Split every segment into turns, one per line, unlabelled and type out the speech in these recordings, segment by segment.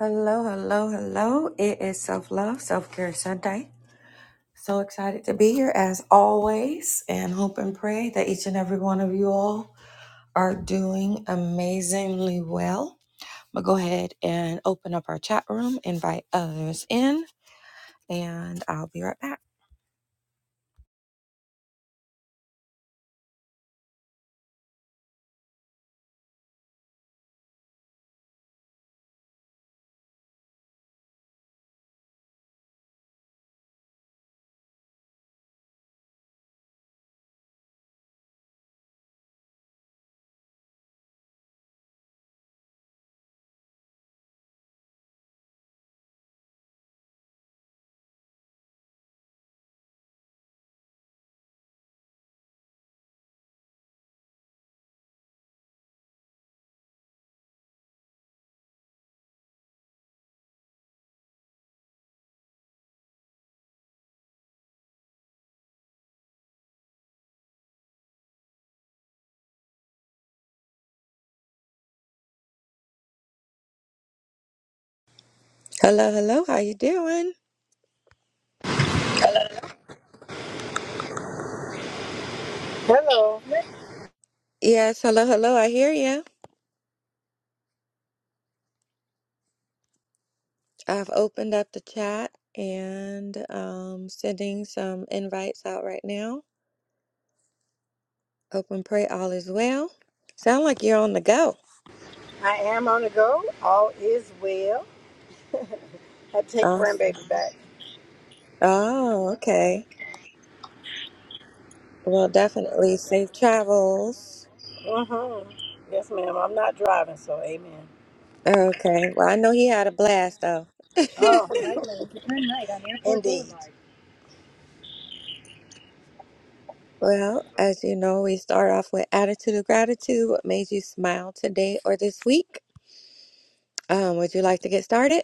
Hello, hello, hello. It is Self Love, Self Care Sunday. So excited to be here as always, and hope and pray that each and every one of you all are doing amazingly well. But go ahead and open up our chat room, invite others in, and I'll be right back. Hello, hello. How you doing? Yes, hello, hello. I hear you. I've opened up the chat and um, sending some invites out right now. Hope and pray all is well. Sound like you're on the go. Awesome. Oh, okay. Well, definitely safe travels. Okay. Well, I know he had a blast though. Well, as you know, we start off with attitude of gratitude. What made you smile today or this week? Um, would you like to get started?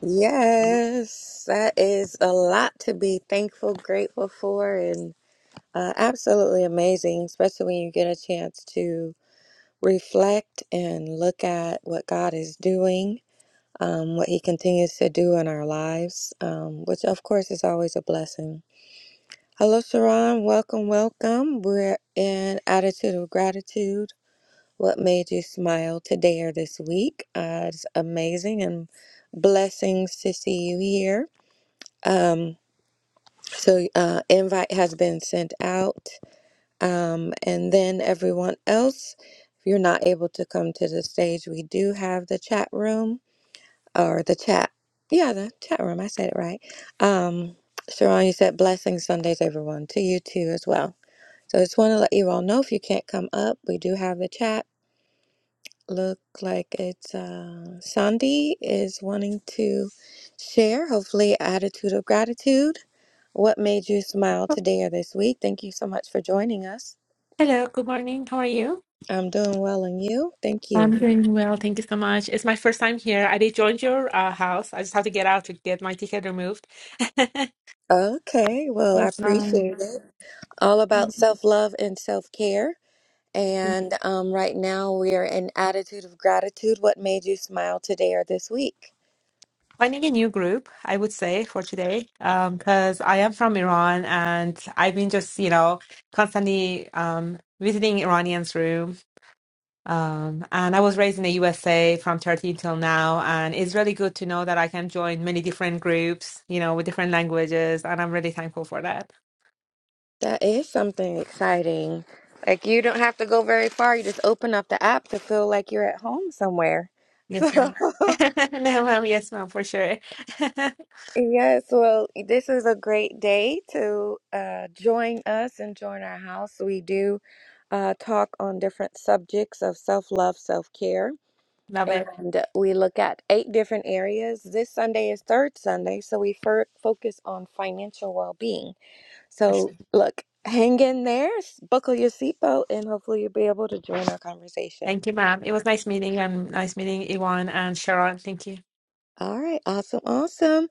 Yes, that is a lot to be thankful, grateful for, and uh, absolutely amazing, especially when you get a chance to. reflect and look at what God is doing, um, what He continues to do in our lives, um, which of course is always a blessing. Hello, Sharon. Welcome, welcome. We're in Attitude of Gratitude. What made you smile today or this week? Uh, it's amazing and blessings to see you here. Um, so, uh, invite has been sent out. Um, and then everyone else, if you're not able to come to the stage, we do have the chat room or the chat. Yeah, the chat room. I said it right. Um, Sharon, you said blessing Sundays, everyone, to you too as well. So just want to let you all know if you can't come up, we do have the chat. Look like it's uh, Sandy is wanting to share, hopefully, attitude of gratitude. What made you smile
Oh,
today or this week? Thank you so much for joining us.
Hello, good morning. How are you?
I'm doing well, and you? Thank you.
I'm doing well. Thank you so much. It's my first time here. I did join your uh, house. I just have to get out to get my ticket removed.
Okay, well, I
Yes, ma'am.
appreciate it. All
Thank
about self love and self care.
you.
And um, right now, we are in attitude of gratitude. What made you smile today or this week?
Finding a new group, I would say, for today, um, because I am from Iran and I've been just, you know, constantly um, visiting Iranians' room. Um, and I was raised in the USA from 13 till now, and it's really good to know that I can join many different groups, you know, with different languages, and I'm really thankful for that.
That is something exciting. Like, you don't have to go very far. You just open up the app to feel like you're at home somewhere.
Yes,
So,
ma'am. no, ma'am. Yes, ma'am, for sure.
Yes, well, this is a great day to uh, join us and join our house. We do uh, talk on different subjects of self love, self care,
Love it.
and we look at eight different areas. This Sunday is Third Sunday, so we fir- focus on financial well being.
For
So,
sure.
look, hang in there, s- buckle your seatbelt, and hopefully you'll be able to join our conversation.
Thank you, ma'am. It was nice meeting and nice meeting Iwan and Sharon. Thank you.
All right, awesome, awesome.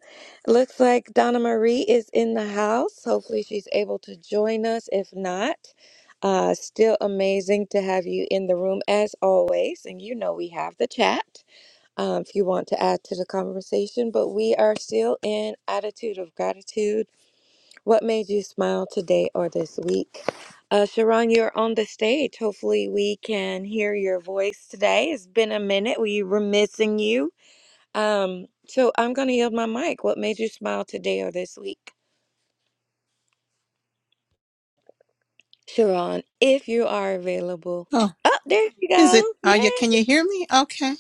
Looks like Donna Marie is in the house. Hopefully, she's able to join us. If not, uh, still amazing to have you in the room as always. And you know, we have the chat um, if you want to add to the conversation, but we are still in attitude of gratitude. What made you smile today or this week? Uh, Sharon, you're on the stage. Hopefully, we can hear your voice today. It's been a minute. We were missing you. Um, so I'm going to yield my mic. What made you smile today or this week, Sharon? If you are available.
Oh,
Oh, there you
is
go.
it? Are you?
Yes.
Can you hear me? Okay.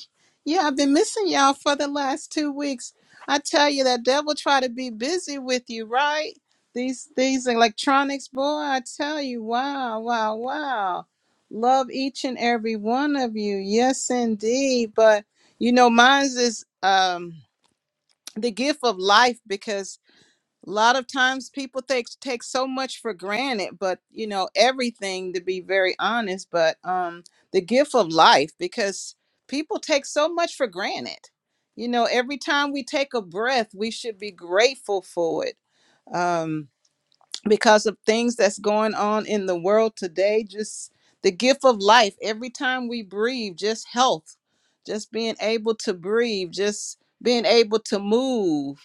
Yeah, I've been missing y'all for the last two weeks. I tell you, that devil try to be busy with you, right? These these electronics, boy. I tell you, wow, wow, wow. Love each and every one of you. Yes, indeed. But you know, mine's is um the gift of life because a lot of times people take take so much for granted but you know everything to be very honest but um the gift of life because people take so much for granted you know every time we take a breath we should be grateful for it um because of things that's going on in the world today just the gift of life every time we breathe just health just being able to breathe just being able to move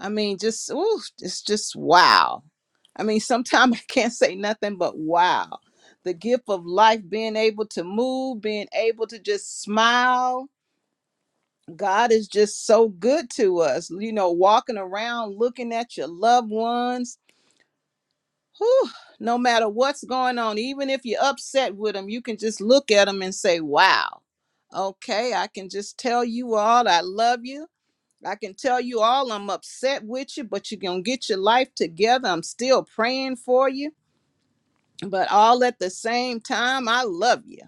I mean, just ooh, it's just wow. I mean, sometimes I can't say nothing but wow. The gift of life, being able to move, being able to just smile. God is just so good to us. You know, walking around, looking at your loved ones. Whew, no matter what's going on, even if you're upset with them, you can just look at them and say, wow. Okay, I can just tell you all I love you I can tell you all I'm upset with you, but you're going to get your life together. I'm still praying for you, but all at the same time, I love you.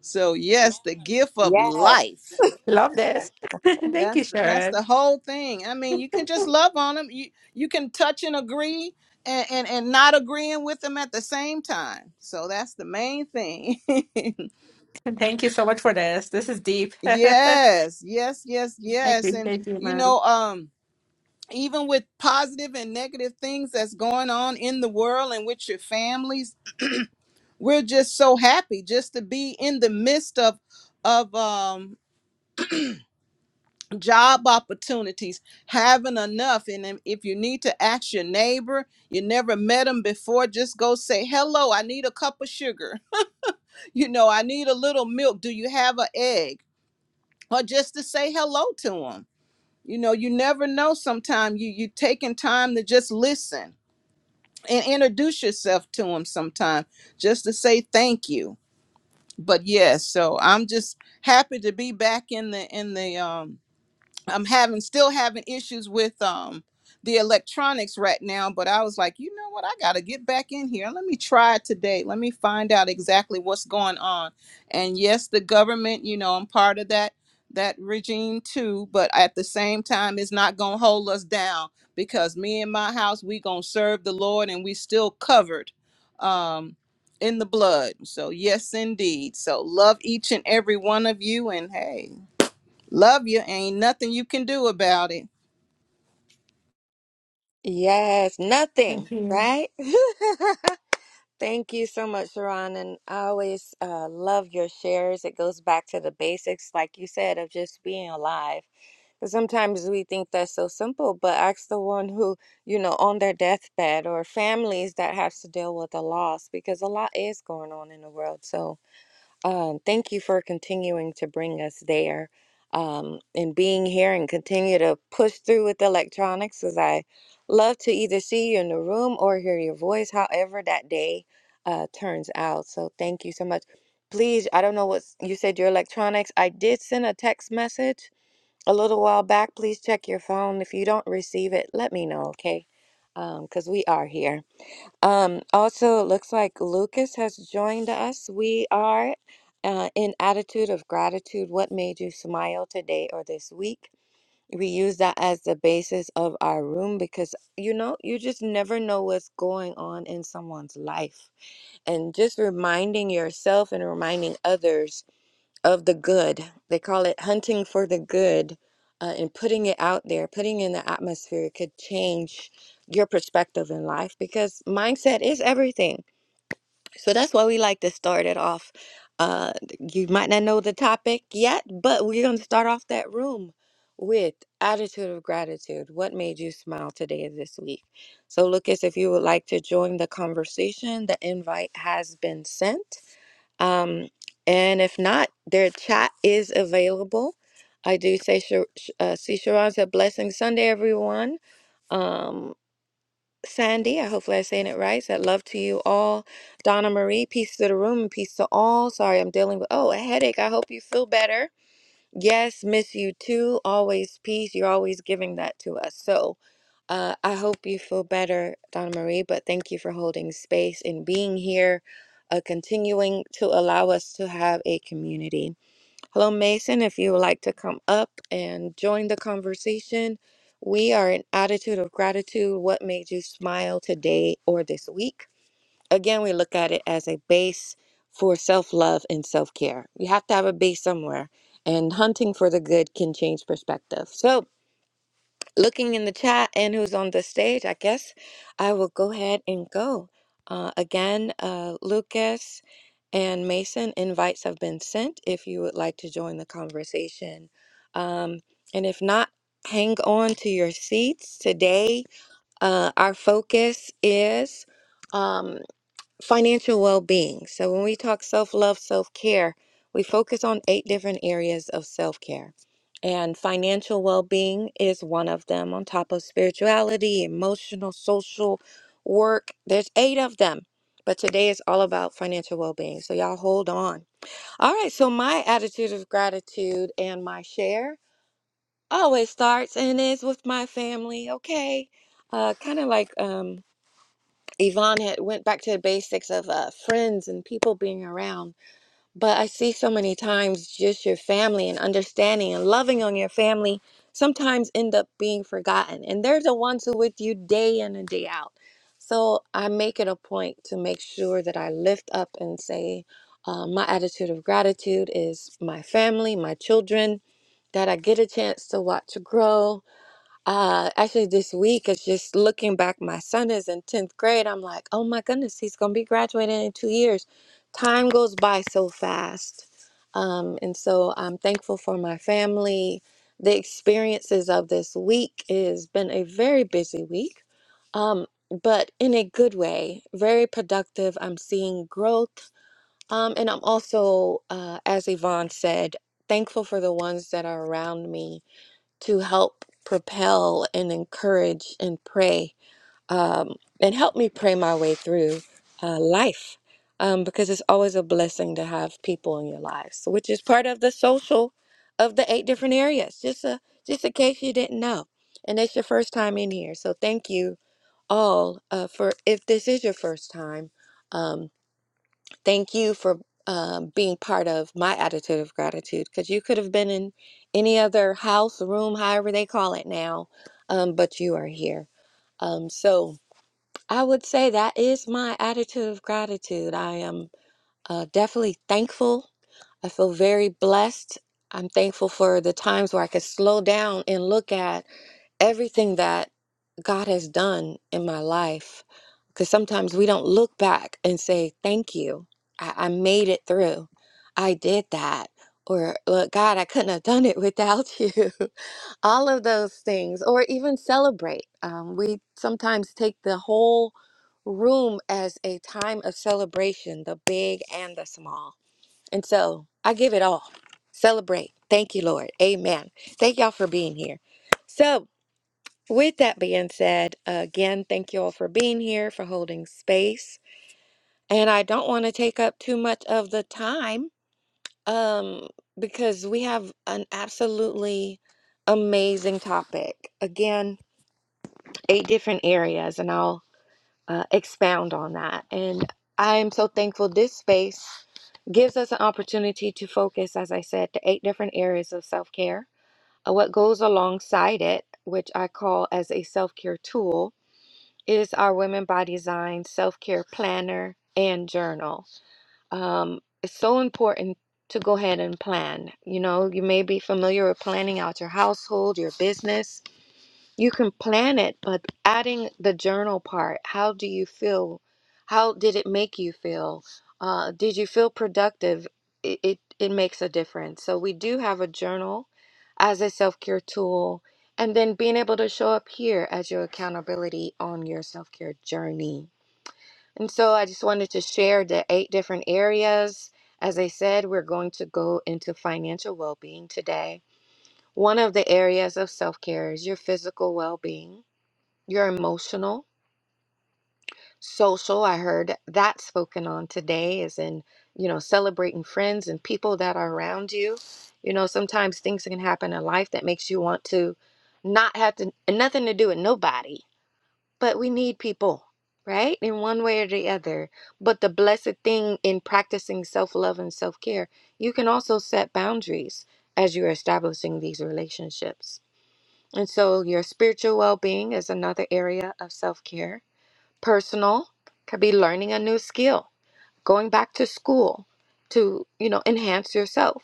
So, yes, the gift of
Yes.
life.
Love this. Thank
That's
you,
the, that's
Sharon.
the whole thing. I mean, you can just love on them. You you can touch and agree and, and and not agreeing with them at the same time. So that's the main thing.
Thank you so much for this. This is deep. I
yes, yes, yes, yes. And
appreciate you,
you
ma'am.
know, um even with positive and negative things that's going on in the world and with your families we're just so happy just to be in the midst of of um job opportunities having enough and then if you need to ask your neighbor you never met them before just go say hello i need a cup of sugar you know i need a little milk do you have an egg or just to say hello to them you know you never know sometimes you you taking time to just listen and introduce yourself to them sometime just to say thank you but yes so i'm just happy to be back in the in the um I'm having still having issues with um the electronics right now, but I was like, you know what? I got to get back in here. Let me try today. Let me find out exactly what's going on. And yes, the government, you know, I'm part of that that regime too, but at the same time it's not going to hold us down because me and my house, we going to serve the Lord and we still covered um in the blood. So yes indeed. So love each and every one of you and hey, Love you. Ain't nothing you can do about it.
Yes.
Thank
Nothing,
you.
right? Thank you so much, Sharon. And I always uh, love your shares. It goes back to the basics, like you said, of just being alive. Because sometimes we think that's so simple, but ask the one who, you know, on their deathbed or families that have to deal with a loss, because a lot is going on in the world. So, um, thank you for continuing to bring us there um, and being here and continue to push through with electronics as I love to either see you in the room or hear your voice, however that day uh, turns out. So thank you so much. Please, I don't know what you said, your electronics. I did send a text message a little while back. Please check your phone. If you don't receive it, let me know, okay? Because we are here. Um, also, it looks like Lucas has joined us. We are uh, in attitude of gratitude. What made you smile today or this week? We use that as the basis of our room because you know, you just never know what's going on in someone's life. And just reminding yourself and reminding others of the good. They call it hunting for the good uh, and putting it out there, putting in the atmosphere could change your perspective in life because mindset is everything. So that's why we like to start it off. Uh, you might not know the topic yet, but we're going to start off that room with attitude of gratitude. What made you smile today or this week? So, Lucas, if you would like to join the conversation, the invite has been sent um, and if not, their chat is available. I do say, Shar- Sh- uh, see, Sharon said, blessing Sunday, everyone. Um, Sandy, I hopefully I'm saying it right. Said love to you all. Donna Marie, peace to the room and peace to all. Sorry, I'm dealing with oh a headache. I hope you feel better. Yes, miss you too. Always peace. You're always giving that to us. So uh, I hope you feel better, Donna Marie, but thank you for holding space and being here, uh, continuing to allow us to have a community. Hello, Mason. If you would like to come up and join the conversation, we are in attitude of gratitude. What made you smile today or this week? Again, we look at it as a base for self love and self care. You have to have a base somewhere, and hunting for the good can change perspective. So, looking in the chat and who's on the stage, I guess I will go ahead and go. Uh, again, uh, Lucas and Mason, invites have been sent if you would like to join the conversation. Um, and if not, hang on to your seats. Today, uh, our focus is. um, financial well-being. So when we talk self-love, self-care, we focus on eight different areas of self-care. And financial well-being is one of them on top of spirituality, emotional, social, work. There's eight of them. But today is all about financial well-being. So y'all hold on. All right, so my attitude of gratitude and my share always starts and is with my family, okay? Uh kind of like um Yvonne had went back to the basics of uh, friends and people being around. But I see so many times just your family and understanding and loving on your family sometimes end up being forgotten. And they're the ones who with you day in and day out. So I make it a point to make sure that I lift up and say, uh, my attitude of gratitude is my family, my children that I get a chance to watch grow uh, actually, this week it's just looking back. My son is in 10th grade. I'm like, oh my goodness, he's going to be graduating in two years. Time goes by so fast. Um, and so I'm thankful for my family. The experiences of this week has been a very busy week, um, but in a good way, very productive. I'm seeing growth. Um, and I'm also, uh, as Yvonne said, thankful for the ones that are around me to help propel and encourage and pray um, and help me pray my way through uh, life um, because it's always a blessing to have people in your lives, which is part of the social of the eight different areas. Just a just in case you didn't know, and it's your first time in here, so thank you all uh, for if this is your first time. Um, Thank you for um, being part of my attitude of gratitude because you could have been in any other house, room, however they call it now, um, but you are here. Um, so I would say that is my attitude of gratitude. I am uh, definitely thankful. I feel very blessed. I'm thankful for the times where I could slow down and look at everything that God has done in my life. Because sometimes we don't look back and say, Thank you. I, I made it through. I did that. Or, Look, God, I couldn't have done it without you. All of those things. Or even celebrate. Um, we sometimes take the whole room as a time of celebration, the big and the small. And so I give it all. Celebrate. Thank you, Lord. Amen. Thank y'all for being here. So, with that being said, again, thank you all for being here, for holding space. And I don't want to take up too much of the time um, because we have an absolutely amazing topic. Again, eight different areas, and I'll uh, expound on that. And I am so thankful this space gives us an opportunity to focus, as I said, to eight different areas of self care. What goes alongside it, which I call as a self care tool It is our Women by Design self care planner and journal. Um, it's so important to go ahead and plan. You know, you may be familiar with planning out your household, your business, you can plan it, but adding the journal part, how do you feel? How did it make you feel? Uh, did you feel productive? It, it, it makes a difference. So, we do have a journal as a self care tool, and then being able to show up here as your accountability on your self care journey. And so, I just wanted to share the eight different areas. As I said, we're going to go into financial well being today. One of the areas of self care is your physical well being your emotional social i heard that spoken on today is in you know celebrating friends and people that are around you you know sometimes things can happen in life that makes you want to not have to nothing to do with nobody but we need people right in one way or the other but the blessed thing in practicing self-love and self-care you can also set boundaries as you're establishing these relationships and so your spiritual well-being is another area of self-care Personal could be learning a new skill, going back to school to, you know, enhance yourself.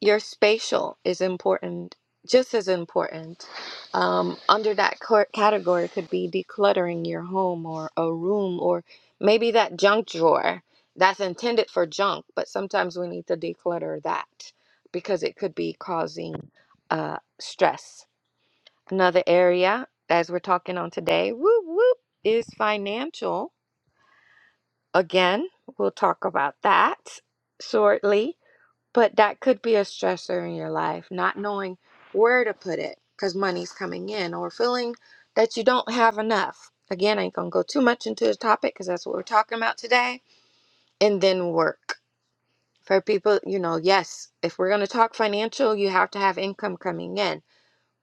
Your spatial is important, just as important. Um, under that cor- category could be decluttering your home or a room or maybe that junk drawer that's intended for junk, but sometimes we need to declutter that because it could be causing uh, stress. Another area, as we're talking on today, whoop, whoop, is financial Again, we'll talk about that shortly, but that could be a stressor in your life, not knowing where to put it because money's coming in or feeling that you don't have enough. Again, I ain't gonna go too much into the topic because that's what we're talking about today. And then work. For people, you know, yes, if we're gonna talk financial, you have to have income coming in.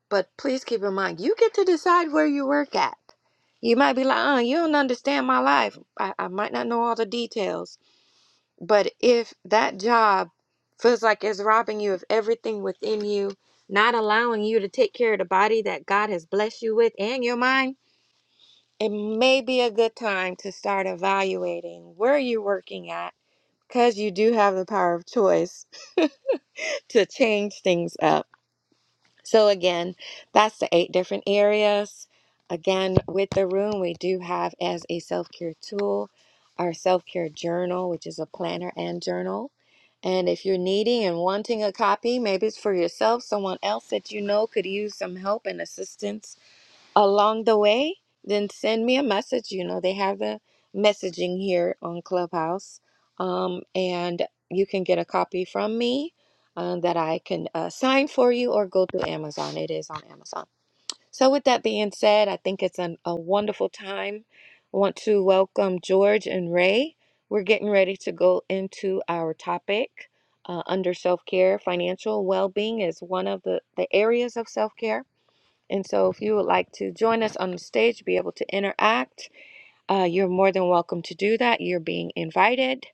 But please keep in mind, you get to decide where you work at. You might be like, uh, you don't understand my life. I, I might not know all the details but if that job feels like it's robbing you of everything within you, not allowing you to take care of the body that God has blessed you with and your mind, it may be a good time to start evaluating where you're working at because you do have the power of choice to change things up. So again, that's the eight different areas. Again, with the room, we do have as a self-care tool our self-care journal, which is a planner and journal. And if you're needing and wanting a copy, maybe it's for yourself, someone else that you know could use some help and assistance along the way, then send me a message. You know, they have the messaging here on Clubhouse. Um, and you can get a copy from me um, that I can uh, sign for you or go to Amazon. It is on Amazon. So, with that being said, I think it's an, a wonderful time. I want to welcome George and Ray. We're getting ready to go into our topic. Uh, under self care, financial well being is one of the, the areas of self care. And so, if you would like to join us on the stage, be able to interact, uh, you're more than welcome to do that. You're being invited.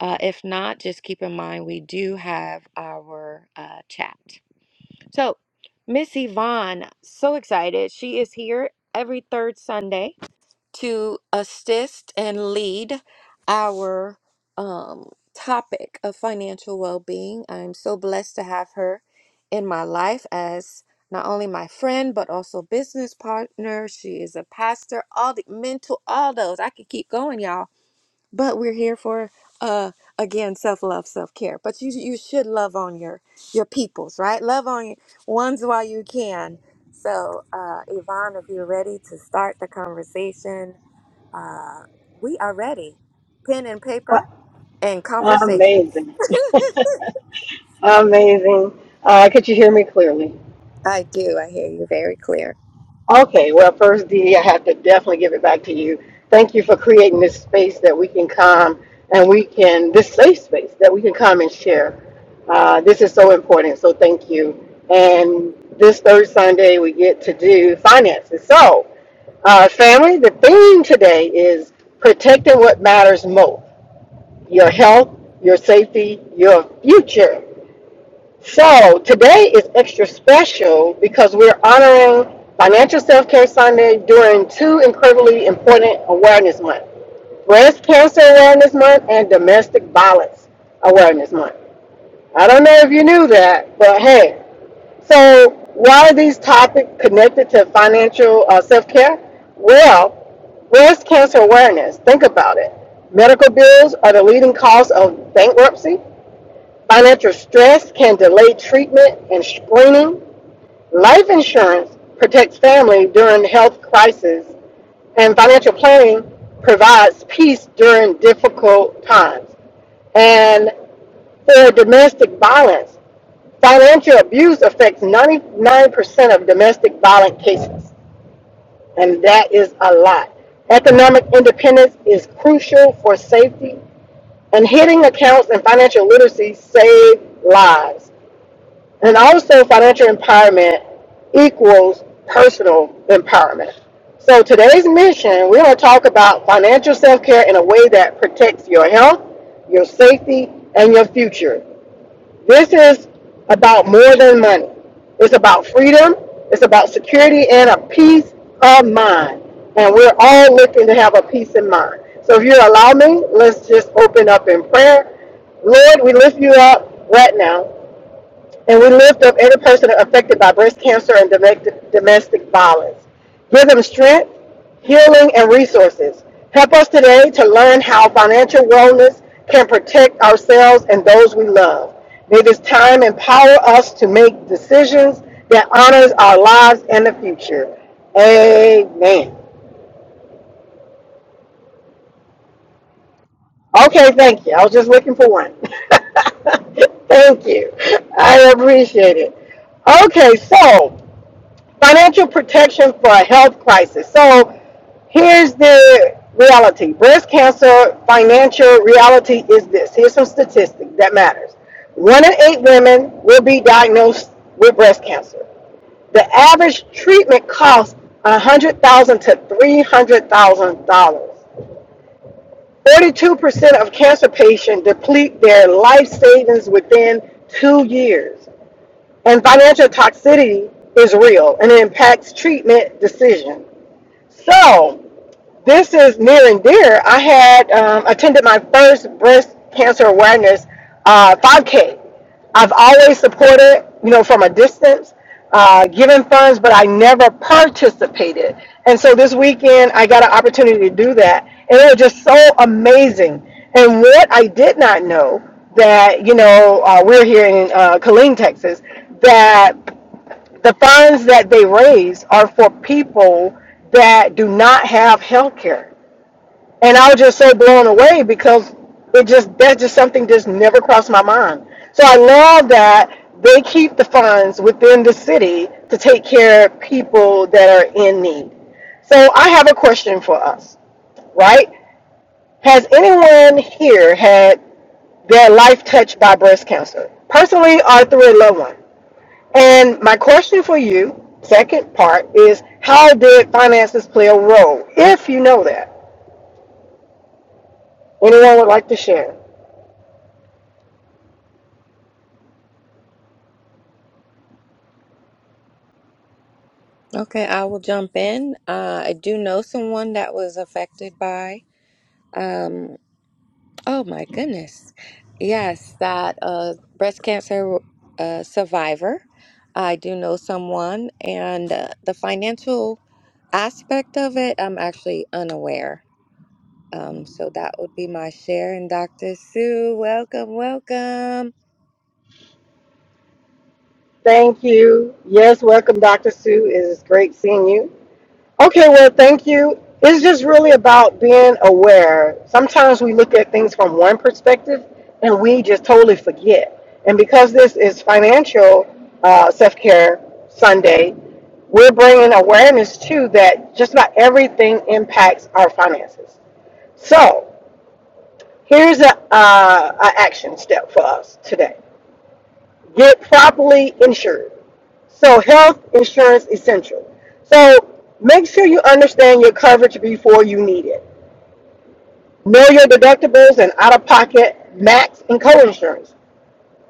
Uh, if not, just keep in mind we do have our uh, chat. So, Miss Yvonne, so excited. She is here every third Sunday to assist and lead our um, topic of financial well being. I'm so blessed to have her in my life as not only my friend, but also business partner. She is a pastor, all the mental, all those. I could keep going, y'all. But we're here for, uh, again, self love, self care. But you you should love on your your peoples, right? Love on your ones while you can. So, uh, Yvonne, if you're ready to start the conversation, uh, we are ready. Pen and paper and conversation.
Amazing. Amazing. Uh, could you hear me clearly?
I do. I hear you very clear.
Okay, well, first, Dee, I have to definitely give it back to you. Thank you for creating this space that we can come and we can, this safe space that we can come and share. Uh, this is so important, so thank you. And this third Sunday, we get to do finances. So, uh, family, the theme today is protecting what matters most your health, your safety, your future. So today is extra special because we're honoring Financial Self Care Sunday during two incredibly important awareness months Breast Cancer Awareness Month and Domestic Violence Awareness Month. I don't know if you knew that, but hey. So, why are these topics connected to financial uh, self care? Well, breast cancer awareness, think about it. Medical bills are the leading cause of bankruptcy. Financial stress can delay treatment and screening. Life insurance protects family during health crises, and financial planning provides peace during difficult times. And for domestic violence, financial abuse affects 99% of domestic violent cases, and that is a lot. Economic independence is crucial for safety, and hitting accounts and financial literacy save lives. And also, financial empowerment equals personal empowerment. So, today's mission, we're going to talk about financial self care in a way that protects your health, your safety, and your future. This is about more than money, it's about freedom, it's about security, and a peace of mind. And we're all looking to have a peace in mind. So, if you allow me, let's just open up in prayer. Lord, we lift you up right now. And we lift up every person affected by breast cancer and domestic, domestic violence. Give them strength, healing, and resources. Help us today to learn how financial wellness can protect ourselves and those we love. May this time empower us to make decisions that honors our lives and the future. Amen. Okay, thank you. I was just looking for one. thank you. I appreciate it. Okay, so financial protection for a health crisis. So here's the reality breast cancer financial reality is this here's some statistics that matters one in eight women will be diagnosed with breast cancer the average treatment costs $100000 to $300000 42% of cancer patients deplete their life savings within two years and financial toxicity is real and it impacts treatment decisions so this is near and dear. I had um, attended my first breast cancer awareness uh, 5K. I've always supported, you know, from a distance, uh, given funds, but I never participated. And so this weekend, I got an opportunity to do that, and it was just so amazing. And what I did not know that you know uh, we're here in uh, Killeen, Texas, that the funds that they raise are for people that do not have health care. And I was just so blown away because it just that's just something just never crossed my mind. So I love that they keep the funds within the city to take care of people that are in need. So I have a question for us, right? Has anyone here had their life touched by breast cancer? Personally or through a loved one? And my question for you, second part, is how did finances play a role, if you know that? Anyone would like to share?
Okay, I will jump in. Uh, I do know someone that was affected by. Um, Oh my goodness. Yes, that uh, breast cancer uh, survivor. I do know someone, and uh, the financial aspect of it, I'm actually unaware. Um, so that would be my share. And Dr. Sue, welcome, welcome.
Thank you. Yes, welcome, Dr. Sue. It is great seeing you. Okay, well, thank you. It's just really about being aware. Sometimes we look at things from one perspective and we just totally forget. And because this is financial uh, self care Sunday, we're bringing awareness to that just not everything impacts our finances. So here's a, uh, a action step for us today get properly insured. So health insurance essential. So make sure you understand your coverage before you need it. Know your deductibles and out of pocket max and co-insurance.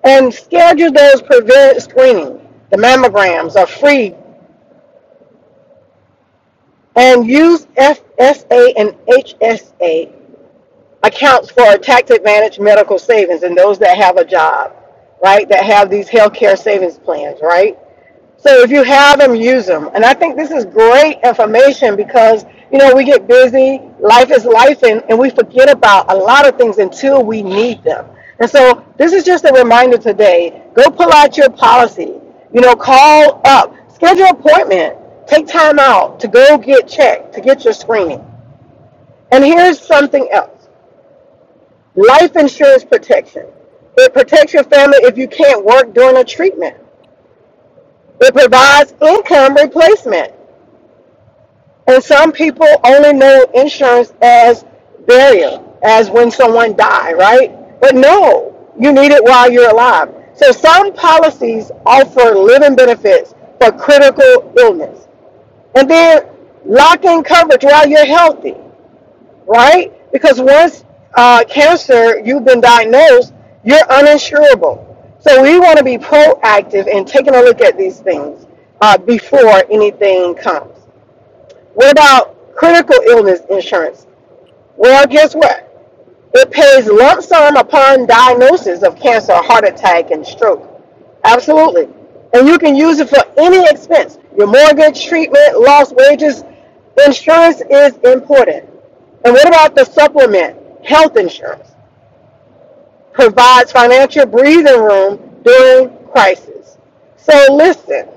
And schedule those preventive screening. The mammograms are free and use FSA and HSA accounts for tax advantage medical savings and those that have a job, right? That have these healthcare savings plans, right? So if you have them, use them. And I think this is great information because, you know, we get busy, life is life, and, and we forget about a lot of things until we need them. And so this is just a reminder today go pull out your policy, you know, call up, schedule an appointment, take time out to go get checked, to get your screening. And here's something else life insurance protection. It protects your family if you can't work during a treatment. It provides income replacement. And some people only know insurance as burial, as when someone die, right? But no, you need it while you're alive. So some policies offer living benefits for critical illness. And then lock in coverage while you're healthy, right? Because once uh, cancer, you've been diagnosed, you're uninsurable. So we want to be proactive in taking a look at these things uh, before anything comes. What about critical illness insurance? Well, guess what? It pays lump sum upon diagnosis of cancer, heart attack, and stroke. Absolutely. And you can use it for any expense your mortgage, treatment, lost wages. Insurance is important. And what about the supplement? Health insurance provides financial breathing room during crisis. So listen.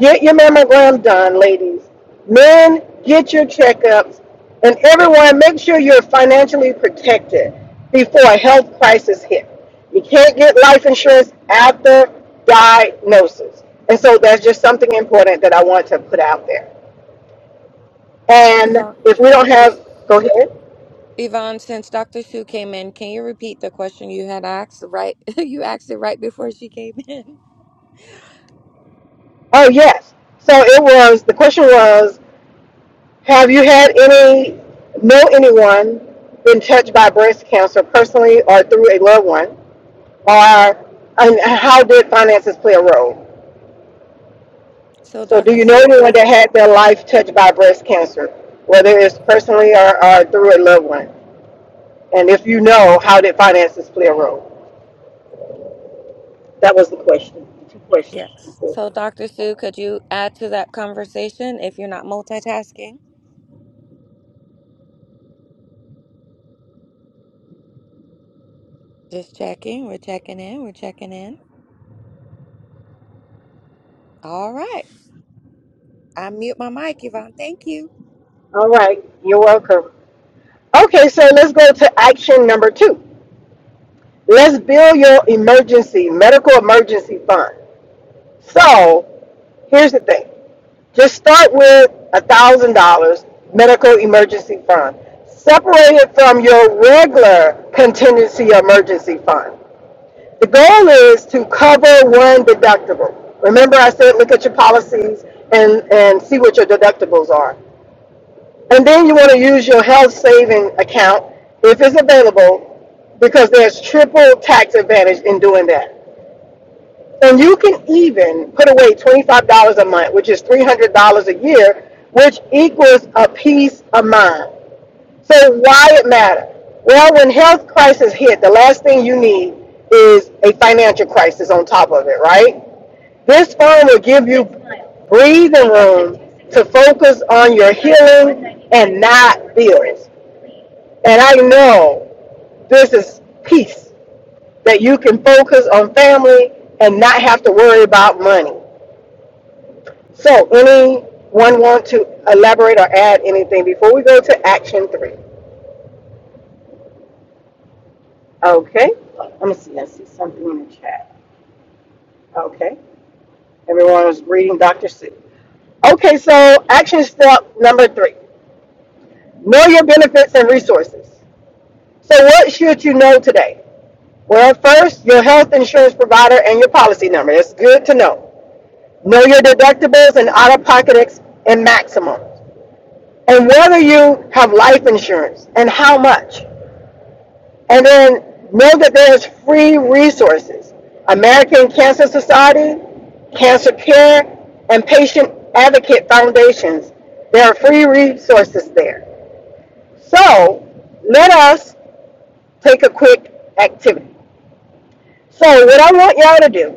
Get your mammograms done, ladies. Men, get your checkups. And everyone, make sure you're financially protected before a health crisis hits. You can't get life insurance after diagnosis. And so that's just something important that I want to put out there. And
Yvonne,
if we don't
Yv-
have, go ahead.
Yvonne, since Dr. Sue came in, can you repeat the question you had asked? Right, you asked it right before she came in.
Oh, yes. So it was, the question was, have you had any, know anyone been touched by breast cancer personally or through a loved one? Or and how did finances play a role?
So,
So, do
Dr.
you know
Sue.
anyone that had their life touched by breast cancer, whether it's personally or, or through a loved one? And if you know, how did finances play a role? That was the question. Two questions.
Yes. So, Dr. Sue, could you add to that conversation if you're not multitasking? Just checking. We're checking in. We're checking in. All right. I mute my mic, Yvonne. Thank you.
All right, you're welcome. Okay, so let's go to action number two. Let's build your emergency, medical emergency fund. So, here's the thing Just start with a thousand dollars medical emergency fund. Separate it from your regular contingency emergency fund. The goal is to cover one deductible. Remember I said look at your policies and, and see what your deductibles are. And then you want to use your health saving account if it's available because there's triple tax advantage in doing that. And you can even put away $25 a month, which is $300 a year, which equals a peace of mind. So why it matter? Well, when health crisis hit, the last thing you need is a financial crisis on top of it, right? This phone will give you breathing room to focus on your healing and not bills. And I know this is peace that you can focus on family and not have to worry about money. So anyone want to elaborate or add anything before we go to action three? Okay, let me see, I see something in the chat. Okay, everyone was reading Dr. Sue. Okay, so action step number three know your benefits and resources. So, what should you know today? Well, first, your health insurance provider and your policy number. It's good to know. Know your deductibles and out of pocket ex- and maximums, and whether you have life insurance and how much. And then know that there's free resources. American Cancer Society, Cancer Care, and Patient Advocate Foundations. There are free resources there. So let us take a quick activity. So what I want y'all to do,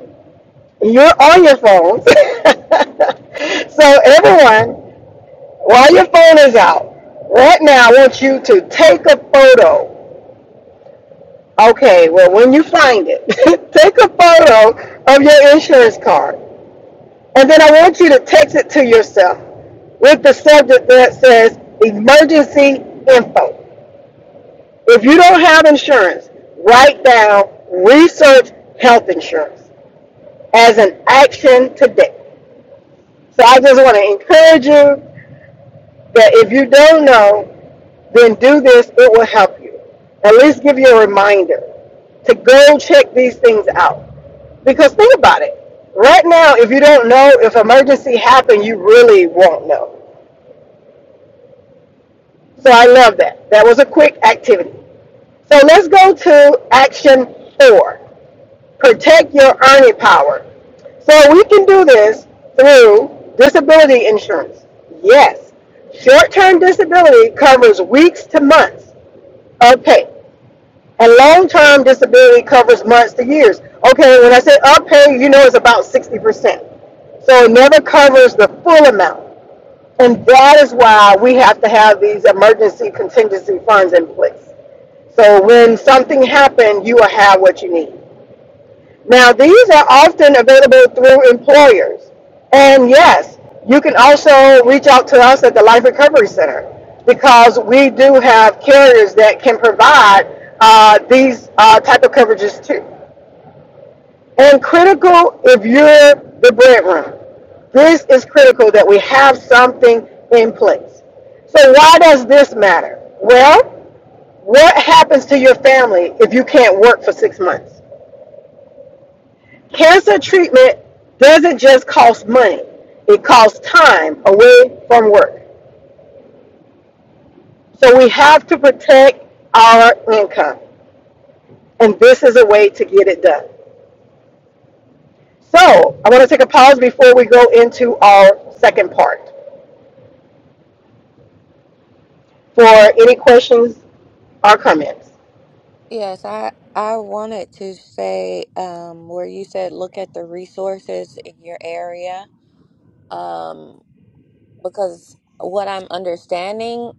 you're on your phones. so everyone, while your phone is out, right now I want you to take a photo Okay, well, when you find it, take a photo of your insurance card. And then I want you to text it to yourself with the subject that says emergency info. If you don't have insurance, write down research health insurance as an action today. So I just want to encourage you that if you don't know, then do this, it will help you. At least give you a reminder to go check these things out. Because think about it. Right now, if you don't know, if emergency happen, you really won't know. So I love that. That was a quick activity. So let's go to action four. Protect your earning power. So we can do this through disability insurance. Yes. Short-term disability covers weeks to months Okay. And long-term disability covers months to years. Okay, when I say up pay, you know it's about 60%. So it never covers the full amount. And that is why we have to have these emergency contingency funds in place. So when something happens, you will have what you need. Now, these are often available through employers. And yes, you can also reach out to us at the Life Recovery Center because we do have carriers that can provide uh, these uh, type of coverages too. And critical if you're the breadwinner, this is critical that we have something in place. So why does this matter? Well, what happens to your family if you can't work for six months? Cancer treatment doesn't just cost money, it costs time away from work. So we have to protect our income, and this is a way to get it done. So I want to take a pause before we go into our second part for any questions or comments.
Yes, I I wanted to say um, where you said look at the resources in your area um, because what I'm understanding,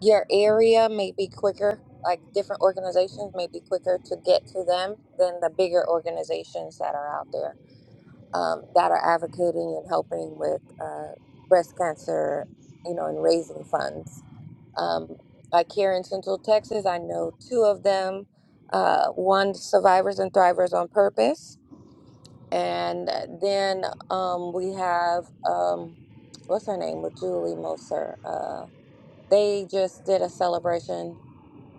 your area may be quicker. Like different organizations may be quicker to get to them than the bigger organizations that are out there. um, that are advocating and helping with uh, breast cancer, you know, and raising funds. Um, like here in Central Texas, I know two of them. Uh, one survivors and thrivers on purpose, and then um, we have um, what's her name with Julie Moser. Uh, they just did a celebration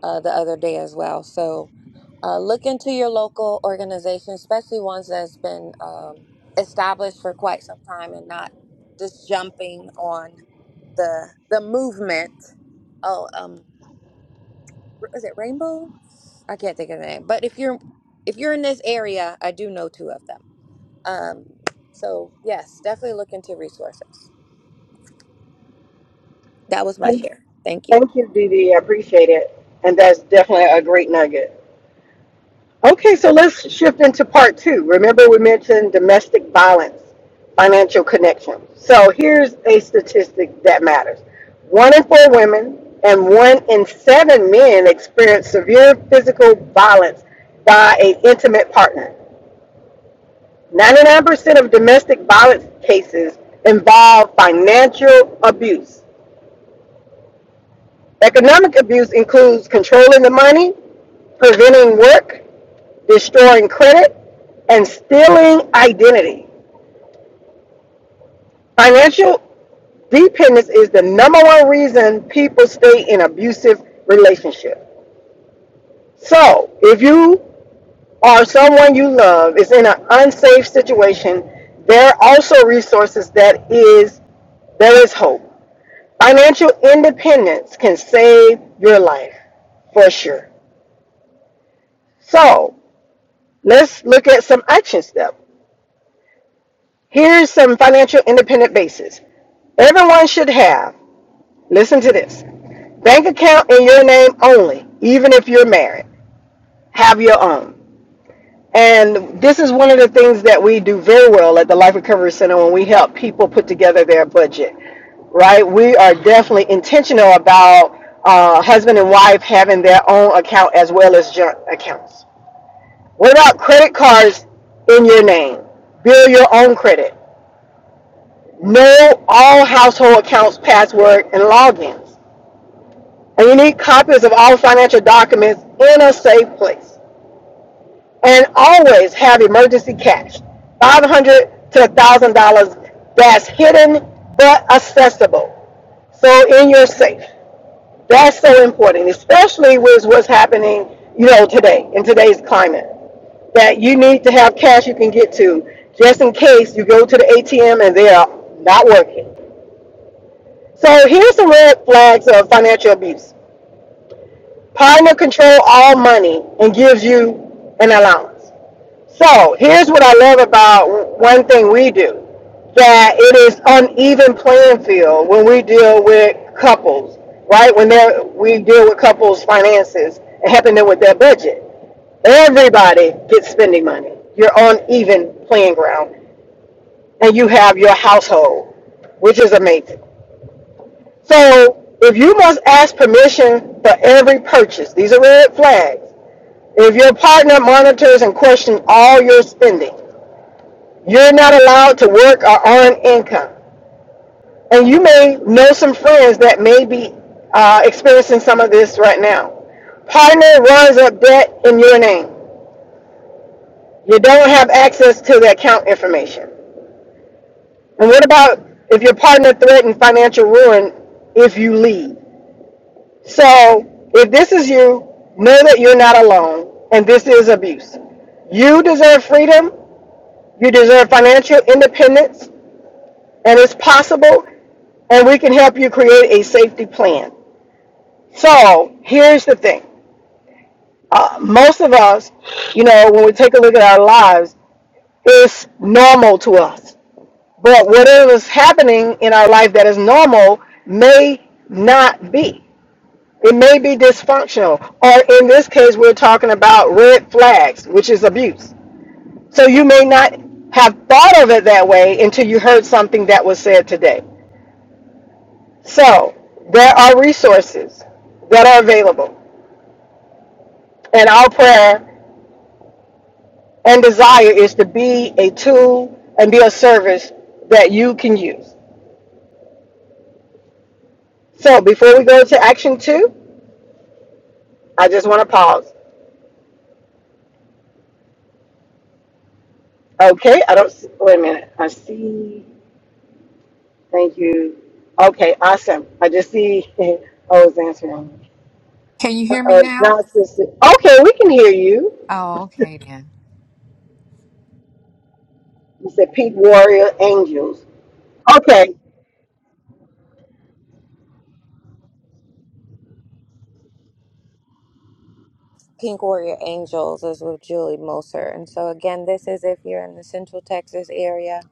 uh, the other day as well. So uh, look into your local organization, especially ones that's been um, established for quite some time and not just jumping on the the movement. Oh, um, is it Rainbow? I can't think of the name. But if you're if you're in this area, I do know two of them. Um, so yes, definitely look into resources. That was my
Thank
share. Thank you.
you, Dee Dee. I appreciate it. And that's definitely a great nugget. Okay, so let's shift into part two. Remember, we mentioned domestic violence, financial connection. So here's a statistic that matters one in four women and one in seven men experience severe physical violence by an intimate partner. 99% of domestic violence cases involve financial abuse. Economic abuse includes controlling the money, preventing work, destroying credit, and stealing identity. Financial dependence is the number one reason people stay in abusive relationships. So, if you or someone you love is in an unsafe situation, there are also resources that is there is hope. Financial independence can save your life for sure. So, let's look at some action steps. Here's some financial independent bases everyone should have. Listen to this bank account in your name only, even if you're married. Have your own. And this is one of the things that we do very well at the Life Recovery Center when we help people put together their budget, right? We are definitely intentional about uh, husband and wife having their own account as well as joint accounts. What about credit cards in your name? Build your own credit. Know all household accounts, password, and logins. And you need copies of all financial documents in a safe place. And always have emergency cash, five hundred dollars to one thousand dollars that's hidden but accessible. So in your safe. That's so important, especially with what's happening, you know, today in today's climate. That you need to have cash you can get to just in case you go to the ATM and they are not working. So here's the red flags of financial abuse. Partner control all money and gives you an allowance. So here's what I love about one thing we do that it is uneven playing field when we deal with couples, right? When they're, we deal with couples' finances and helping them with their budget. Everybody gets spending money. You're on even playing ground and you have your household, which is amazing. So if you must ask permission for every purchase, these are red flags. If your partner monitors and questions all your spending, you're not allowed to work or earn income. And you may know some friends that may be uh, experiencing some of this right now. Partner runs up debt in your name. You don't have access to the account information. And what about if your partner threatens financial ruin if you leave? So if this is you, know that you're not alone and this is abuse. You deserve freedom, you deserve financial independence, and it's possible, and we can help you create a safety plan. So here's the thing. Uh, most of us, you know, when we take a look at our lives, it's normal to us. But whatever is happening in our life that is normal may not be. It may be dysfunctional, or in this case, we're talking about red flags, which is abuse. So you may not have thought of it that way until you heard something that was said today. So there are resources that are available, and our prayer and desire is to be a tool and be a service that you can use. So before we go to action two, I just want to pause. Okay, I don't. Wait a minute. I see. Thank you. Okay, awesome. I just see I was answering.
Can you hear me
Uh,
now?
John says, okay, we can hear you.
Oh, okay then.
You said Pete Warrior Angels. Okay.
Pink Warrior Angels is with Julie Moser. And so, again, this is if you're in the Central Texas area.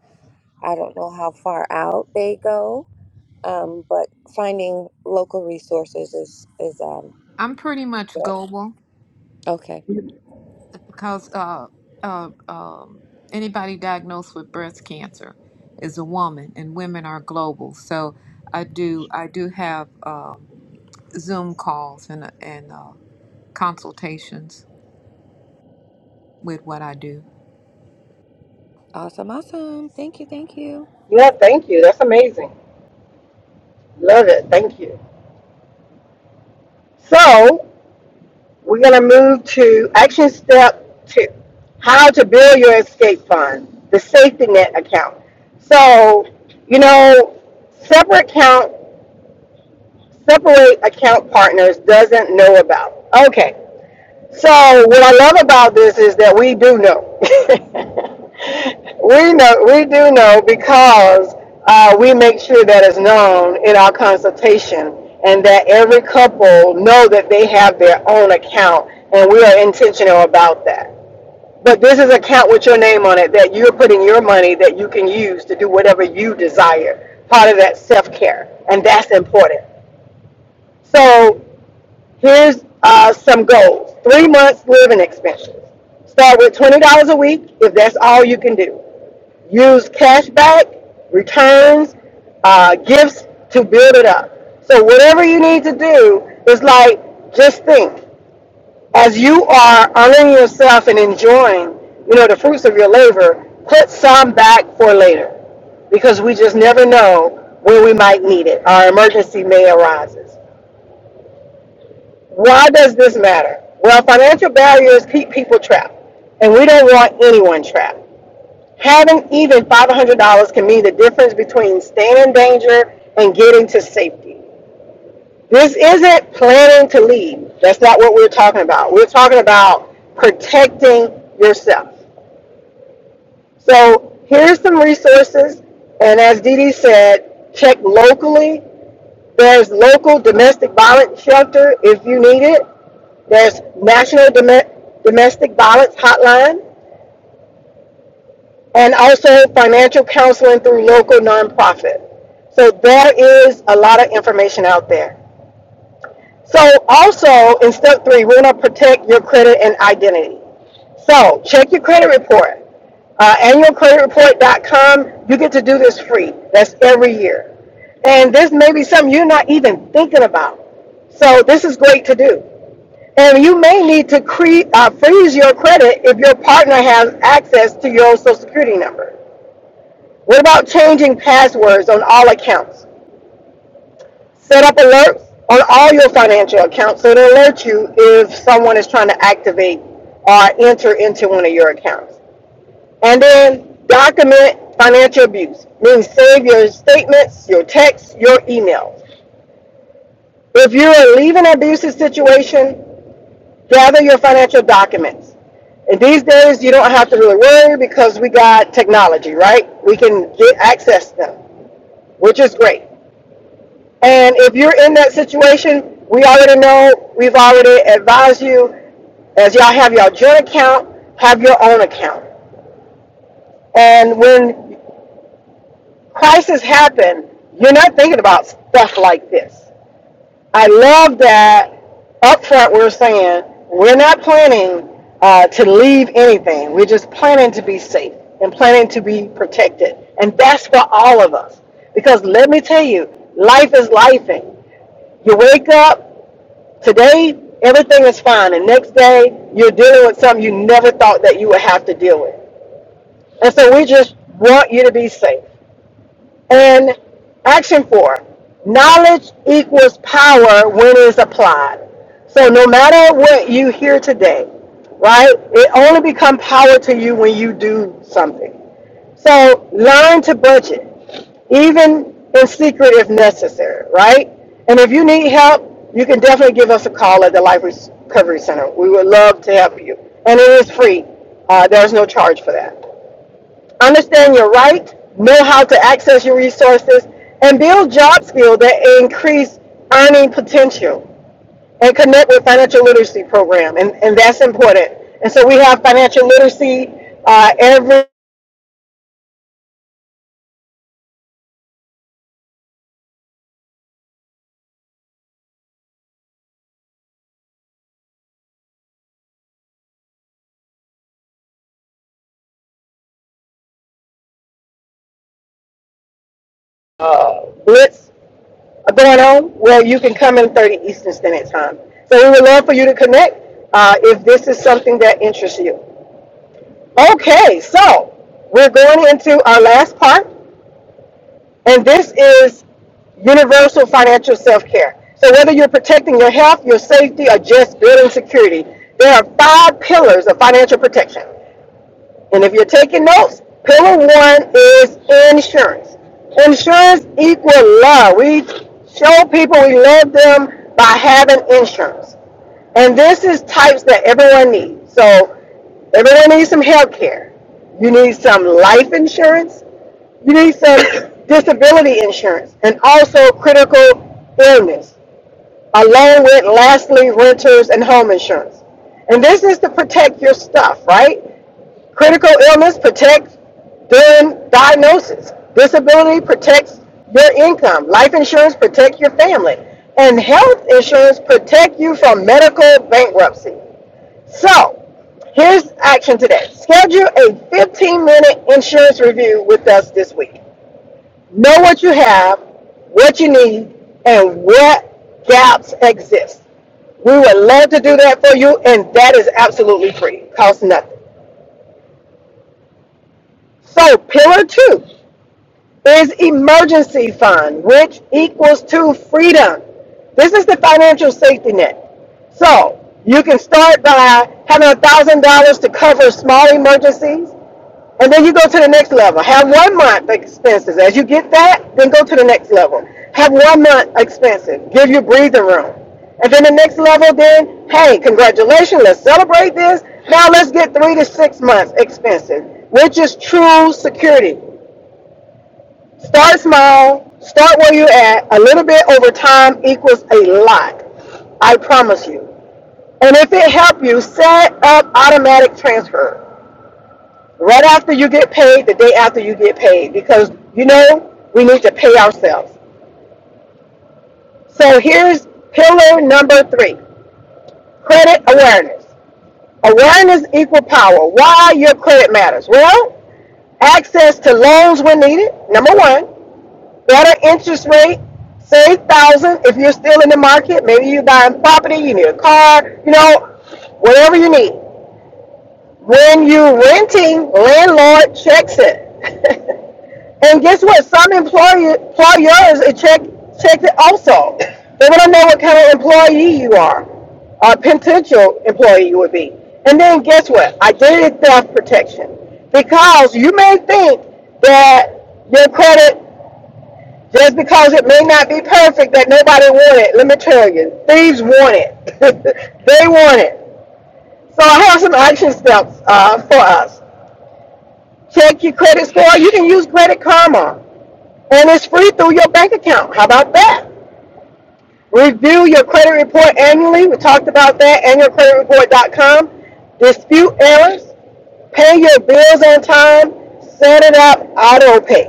I don't know how far out they go, um, but finding local resources is, is um,
I'm pretty much
good.
global
Okay.
because uh, uh, um, anybody diagnosed with breast cancer is a woman, and women are global. So I do I do have um, Zoom calls and and uh, consultations with what I do.
Awesome. Awesome. Thank you. Thank you.
Yeah, thank you. That's amazing. Love it. Thank you. So we're going to move to action step two, how to build your escape fund, the safety net account. So, you know, separate account, separate account partners doesn't know about. Okay. So what I love about this is that we do know. we know we do know because uh, we make sure that is known in our consultation and that every couple know that they have their own account and we are intentional about that. But this is an account with your name on it that you're putting your money that you can use to do whatever you desire. Part of that self care. And that's important. So Here's uh, some goals. Three months living expenses. Start with $20 a week if that's all you can do. Use cash back, returns, uh, gifts to build it up. So whatever you need to do is like just think as you are honoring yourself and enjoying, you know, the fruits of your labor, put some back for later because we just never know where we might need it. Our emergency may arise. Why does this matter? Well, financial barriers keep people trapped, and we don't want anyone trapped. Having even $500 can mean the difference between staying in danger and getting to safety. This isn't planning to leave. That's not what we're talking about. We're talking about protecting yourself. So here's some resources, and as Dee Dee said, check locally There's local domestic violence shelter if you need it. There's National Dome- Domestic Violence Hotline and also financial counseling through local nonprofit. So there is a lot of information out there. So also in step three, we're going to protect your credit and identity. So check your credit report. Uh, annualcreditreport.com. You get to do this free. That's every year. And this may be something you're not even thinking about. So this is great to do. And you may need to cre- uh, freeze your credit if your partner has access to your own social security number. What about changing passwords on all accounts? Set up alerts on all your financial accounts so it'll alert you if someone is trying to activate or enter into one of your accounts. And then document financial abuse, means save your statements, your texts, your emails. If you're leaving an abusive situation, gather your financial documents. And these days, you don't have to really worry because we got technology, right? We can get access to them, which is great. And if you're in that situation, we already know, we've already advised you, as y'all have your joint account, have your own account. And when crises happen, you're not thinking about stuff like this. I love that up front we're saying we're not planning uh, to leave anything. We're just planning to be safe and planning to be protected. And that's for all of us. Because let me tell you, life is lifing. You wake up, Today, everything is fine, and next day, you're dealing with something you never thought that you would have to deal with. And so, we just want you to be safe. And action four knowledge equals power when it's applied. So, no matter what you hear today, right, it only becomes power to you when you do something. So learn to budget, even in secret if necessary, right? And if you need help, you can definitely give us a call at the Life Recovery Center. We would love to help you. And it is free, uh, there's no charge for that. Understand your right, know how to access your resources, and build job skills that increase earning potential. And connect with financial literacy program, and, and that's important. And so we have financial literacy uh, every uh, blitz going on where you can come in 30 Eastern Standard Time. So we would love for you to connect uh, if this is something that interests you. Okay, so we're going into our last part, and this is universal financial self care. So whether you're protecting your health, your safety, or just building security, there are five pillars of financial protection. And if you're taking notes, pillar one is insurance. Insurance equal love. We show people we love them by having insurance. And this is types that everyone needs. So everyone needs some health care. You need some life insurance. You need some disability insurance and also critical illness, along with lastly renters and home insurance. And this is to protect your stuff, right? Critical illness protects during diagnosis. Disability protects your income. Life insurance protects your family. And health insurance protects you from medical bankruptcy. So, here's action today. Schedule a 15-minute insurance review with us this week. Know what you have, what you need, and what gaps exist. We would love to do that for you, and that is absolutely free. Costs nothing. So, pillar two is emergency fund, which equals to freedom. This is the financial safety net. So you can start by having a thousand dollars to cover small emergencies, and then you go to the next level. Have one month expenses. As you get that, then go to the next level. Have one month expenses. Give you breathing room. And then the next level, then, hey, congratulations, let's celebrate this. Now let's get three to six months expenses, which is true security. Start small, start where you're at. A little bit over time equals a lot. I promise you. And if it helps you, set up automatic transfer right after you get paid, the day after you get paid, because you know we need to pay ourselves. So here's pillar number three: credit awareness. Awareness equal power. Why your credit matters? Well, access to loans when needed. Number one. Better interest rate, save thousand if you're still in the market. Maybe you're buying property, you need a car, you know, whatever you need. When you're renting, landlord checks it. and guess what? Some employer, employers uh, check check it also. They want to know what kind of employee you are, or potential employee you would be. And then guess what? Identity theft protection. Because you may think that your credit just because it may not be perfect that nobody want it, let me tell you, thieves want it. they want it. So I have some action steps uh, for us. Check your credit score. You can use Credit Karma, and it's free through your bank account. How about that? Review your credit report annually. We talked about that. Annualcreditreport.com. Dispute errors. Pay your bills on time. Set it up auto pay.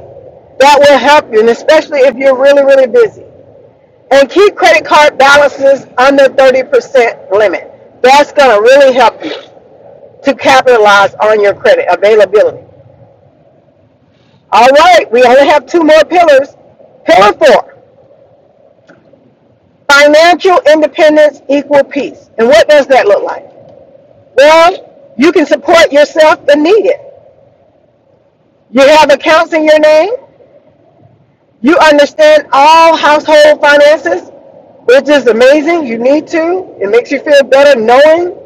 That will help you, and especially if you're really, really busy. and keep credit card balances under 30% limit. That's going to really help you to capitalize on your credit availability. All right, we only have two more pillars. Pillar four financial independence, equal peace. And what does that look like? Well, you can support yourself when needed. You have accounts in your name. You understand all household finances, which is amazing. You need to. It makes you feel better knowing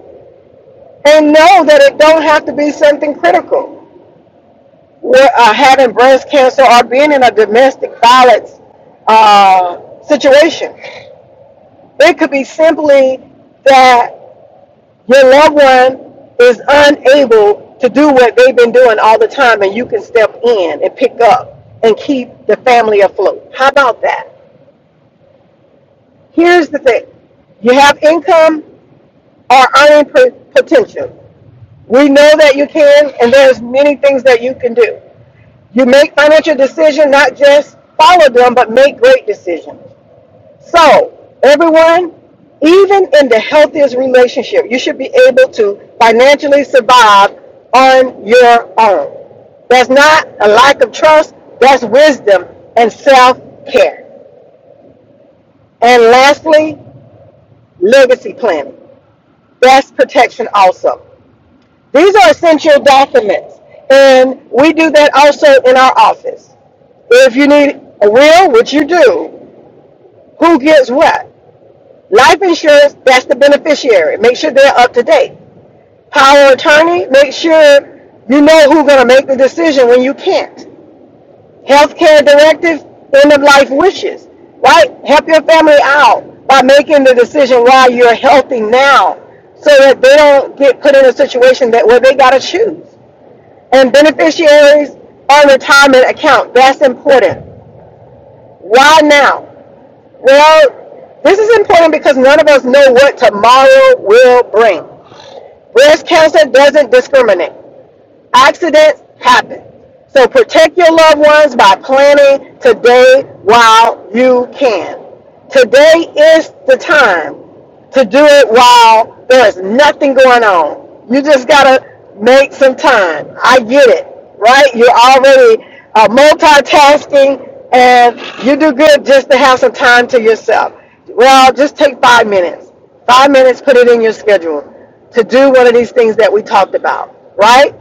and know that it don't have to be something critical. Where, uh, having breast cancer or being in a domestic violence uh, situation, it could be simply that your loved one is unable to do what they've been doing all the time, and you can step in and pick up and keep the family afloat. How about that? Here's the thing: you have income or earning potential. We know that you can, and there's many things that you can do. You make financial decisions, not just follow them, but make great decisions. So, everyone, even in the healthiest relationship, you should be able to financially survive on your own. That's not a lack of trust, that's wisdom and self care. And lastly, legacy planning. That's protection also. These are essential documents, and we do that also in our office. If you need a will, which you do, who gets what? Life insurance, that's the beneficiary. Make sure they're up to date. Power of attorney, make sure you know who's going to make the decision when you can't. Healthcare directives, end of life wishes, right? Help your family out by making the decision while you're healthy now so that they don't get put in a situation that where they got to choose and beneficiaries on retirement account. That's important. Why now? Well, this is important because none of us know what tomorrow will bring. Breast cancer doesn't discriminate. Accidents happen. So protect your loved ones by planning today while you can. Today is the time to do it while there is nothing going on. You just gotta make some time. I get it, right? You're already uh, multitasking and you do good just to have some time to yourself. Well, just take five minutes. Five minutes, put it in your schedule to do one of these things that we talked about, right?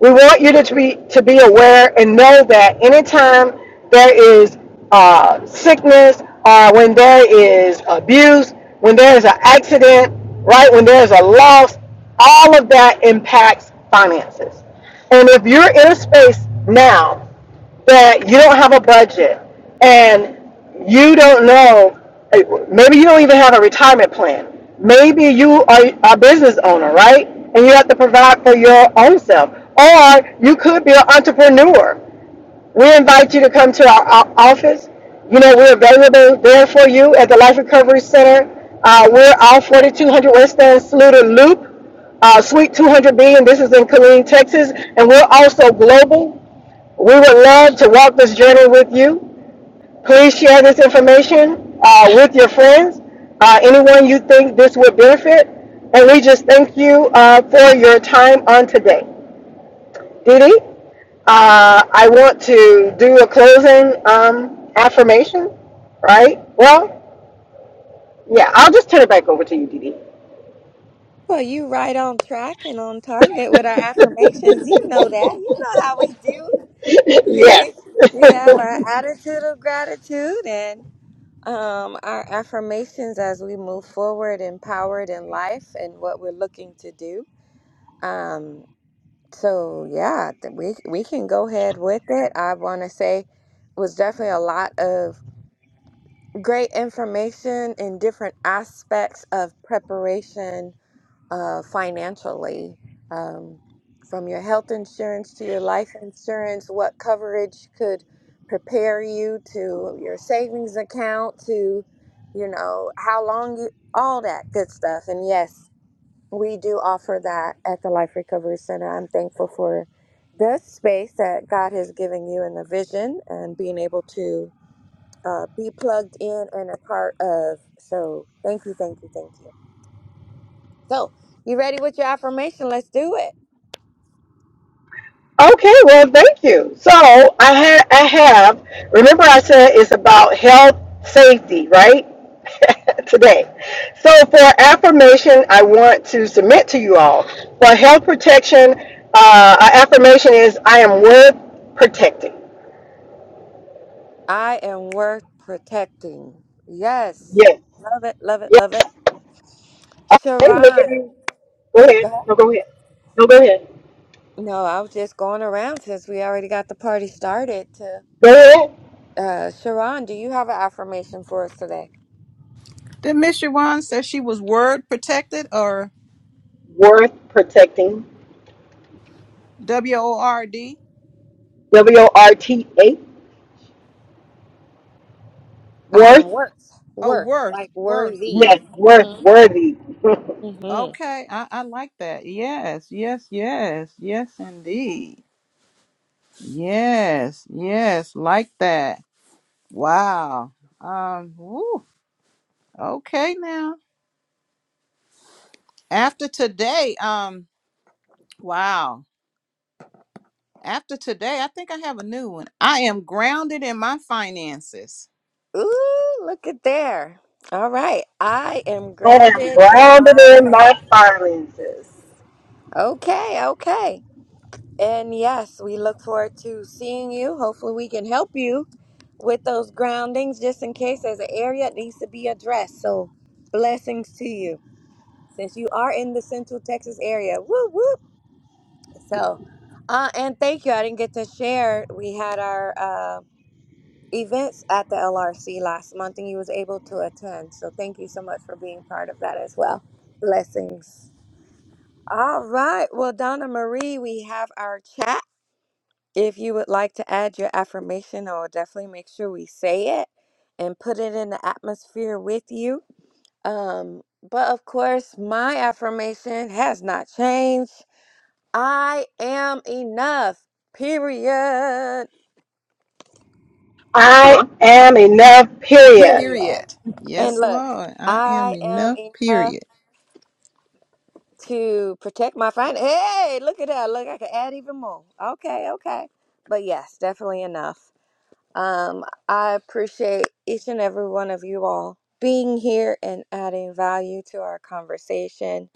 We want you to be to be aware and know that anytime there is uh, sickness, or when there is abuse, when there is an accident, right? When there is a loss, all of that impacts finances. And if you're in a space now that you don't have a budget and you don't know, eh, maybe you don't even have a retirement plan. Maybe you are a business owner, right? And you have to provide for your own self. Or you could be an entrepreneur. We invite you to come to our o- office. You know, we're available there for you at the Life Recovery Center. Uh, we're off 4200 West End Saluda Loop uh, Suite 200B, and this is in Killeen, Texas. And we're also global. We would love to walk this journey with you. Please share this information uh, with your friends, uh, anyone you think this would benefit. And we just thank you uh, for your time on today. Didi. uh, I want to do a closing um, affirmation, right? Well, yeah, I'll just turn it back over to you, Didi.
Well, you right on track and on target with our affirmations. You know that. You know how we do.
yes.
we have our attitude of gratitude and Um, our affirmations as we move forward, empowered in life, and what we're looking to do. Um, so yeah, th- we we can go ahead with it. I want to say was definitely a lot of great information in different aspects of preparation uh, financially um, from your health insurance to your life insurance, what coverage could prepare you to your savings account to, you know, how long you, all that good stuff. And yes, we do offer that at the Life Recovery Center. I'm thankful for this space that God has given you and the vision and being able to uh, be plugged in and a part of. So thank you, thank you, thank you. So, you ready with your affirmation? Let's do it.
Okay, well, thank you. So I had, I have. Remember, I said it's about health, safety, right? Today. So for affirmation, I want to submit to you all for health protection. Uh, our affirmation is I am worth protecting.
I am worth protecting. Yes.
Yes.
Love it, love it,
Yes.
love it.
Okay, let me give
Sharon,
you. Go
go
ahead.
ahead.
No, go ahead. No, go ahead.
No, I was just going around since we already got the party started to
Go ahead.
uh Sharon, do you have an affirmation for us today?
Did Miss Shawan say she was word protected or
Worth protecting.
W O R D?
W o r t h.
I
Worth.
am worth,
Oh,
worth,
worth,
like
worth,
worthy.
Yes.
worth.
Worth.
Mm-hmm.
Worthy.
Mm-hmm.
Okay, I, I like that. Yes, yes, yes, yes, indeed. Yes, yes, like that. Wow. Um. Woo. Okay. Now, after today, um. Wow. After today, I think I have a new one. I am grounded in my finances.
Ooh, look at there. All right. I am
I am
grounded in
grounded
my
in my
finances.
finances.
Okay, okay. And yes, we look forward to seeing you. Hopefully, we can help you with those groundings just in case there's an area that needs to be addressed. So, blessings to you since you are in the Central Texas area. Whoop, whoop. So, uh, and thank you. I didn't get to share. We had our uh, events at the LRC last month and you was able to attend. So, thank you so much for being part of that as well. Blessings. All right. Well, Donna Marie, we have our chat. If you would like to add your affirmation, I will definitely make sure we say it and put it in the atmosphere with you. Um, but of course, my affirmation has not changed. I am enough, period.
I Huh? am enough, period.
Period.
Period.
And
Yes,
look,
Lord. I am
I am
enough.
enough
Period.
to protect my friend. Hey, look at that. Look, I can add even more. Okay, okay. But yes, definitely enough. Um, I appreciate each and every one of you all being here and adding value to our conversation.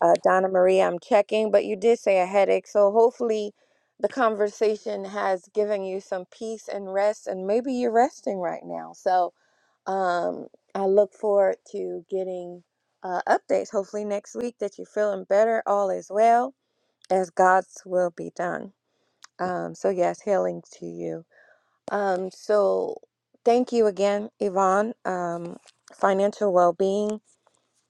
Uh, Donna Marie, I'm checking, but you did say a headache. So hopefully, the conversation has given you some peace and rest, and maybe you're resting right now. So um, I look forward to getting uh, updates, hopefully, next week that you're feeling better, all is well, as God's will be done. Um, so, yes, healing to you. Um, so thank you again, Yvonne. Um, financial well-being,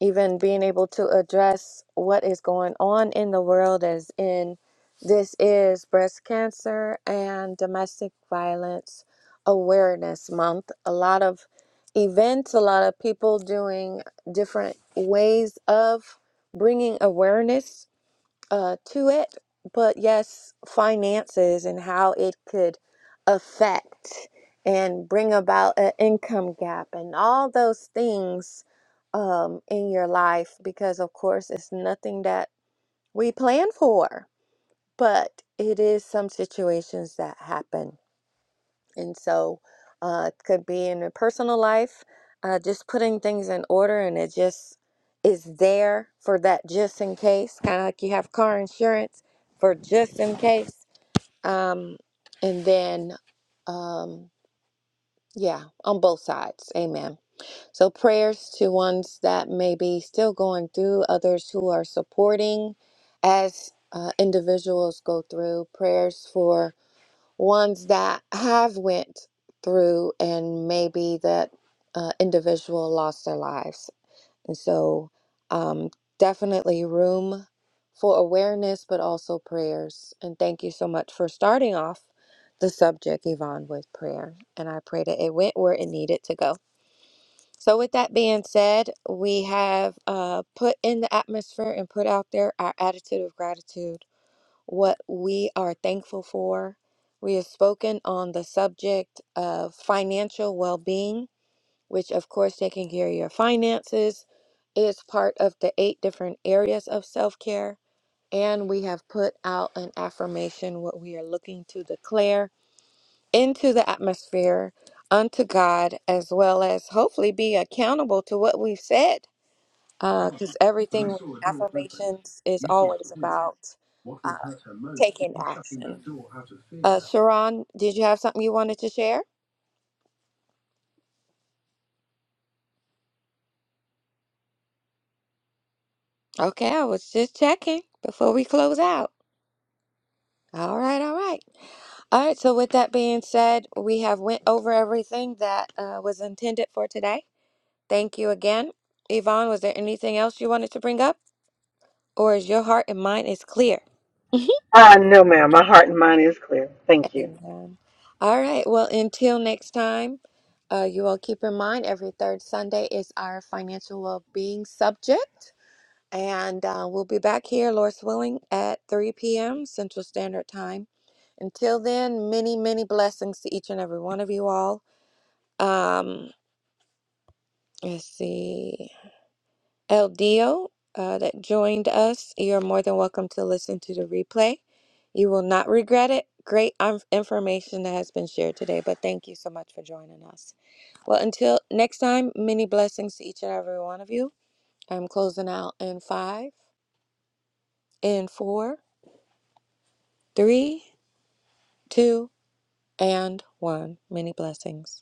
even being able to address what is going on in the world as in this is breast cancer and domestic violence awareness month. A lot of events, a lot of people doing different ways of bringing awareness uh, to it, but yes, finances and how it could affect and bring about an income gap and all those things um, in your life, because of course, it's nothing that we plan for, but it is some situations that happen. And so uh, it could be in your personal life, uh, just putting things in order and it just is there for that just in case, kind of like you have car insurance for just in case. Um, and then, um, yeah, on both sides. Amen. So prayers to ones that may be still going through, others who are supporting as uh, individuals go through, prayers for ones that have went through and maybe that uh, individual lost their lives and so um, definitely room for awareness but also prayers and thank you so much for starting off the subject yvonne with prayer and i pray that it went where it needed to go so with that being said we have uh, put in the atmosphere and put out there our attitude of gratitude what we are thankful for. We have spoken on the subject of financial well being, which, of course, taking care of your finances is part of the eight different areas of self care. And we have put out an affirmation, what we are looking to declare into the atmosphere unto God, as well as hopefully be accountable to what we've said. Because everything with affirmations is always about uh, taking action. Uh, Sharon, did you have something you wanted to share? Okay, I was just checking before we close out. All right, all right. All right, so with that being said, we have went over everything that uh, was intended for today. Thank you again. Yvonne, was there anything else you wanted to bring up? Or is your heart and mind is clear?
Ah, no, ma'am. My heart and mind is clear. Thank you.
Amen. All right, well, until next time, uh, you all keep in mind every third Sunday is our financial well-being subject. And uh, we'll be back here, Lord's willing, at 3 p.m. Central Standard Time. Until then, many, many blessings to each and every one of you all. Um, let's see. El Dio uh, that joined us, you're more than welcome to listen to the replay. You will not regret it. Great um, information that has been shared today, but thank you so much for joining us. Well, until next time, many blessings to each and every one of you. I'm closing out in five, in four, three, two, and one. Many blessings.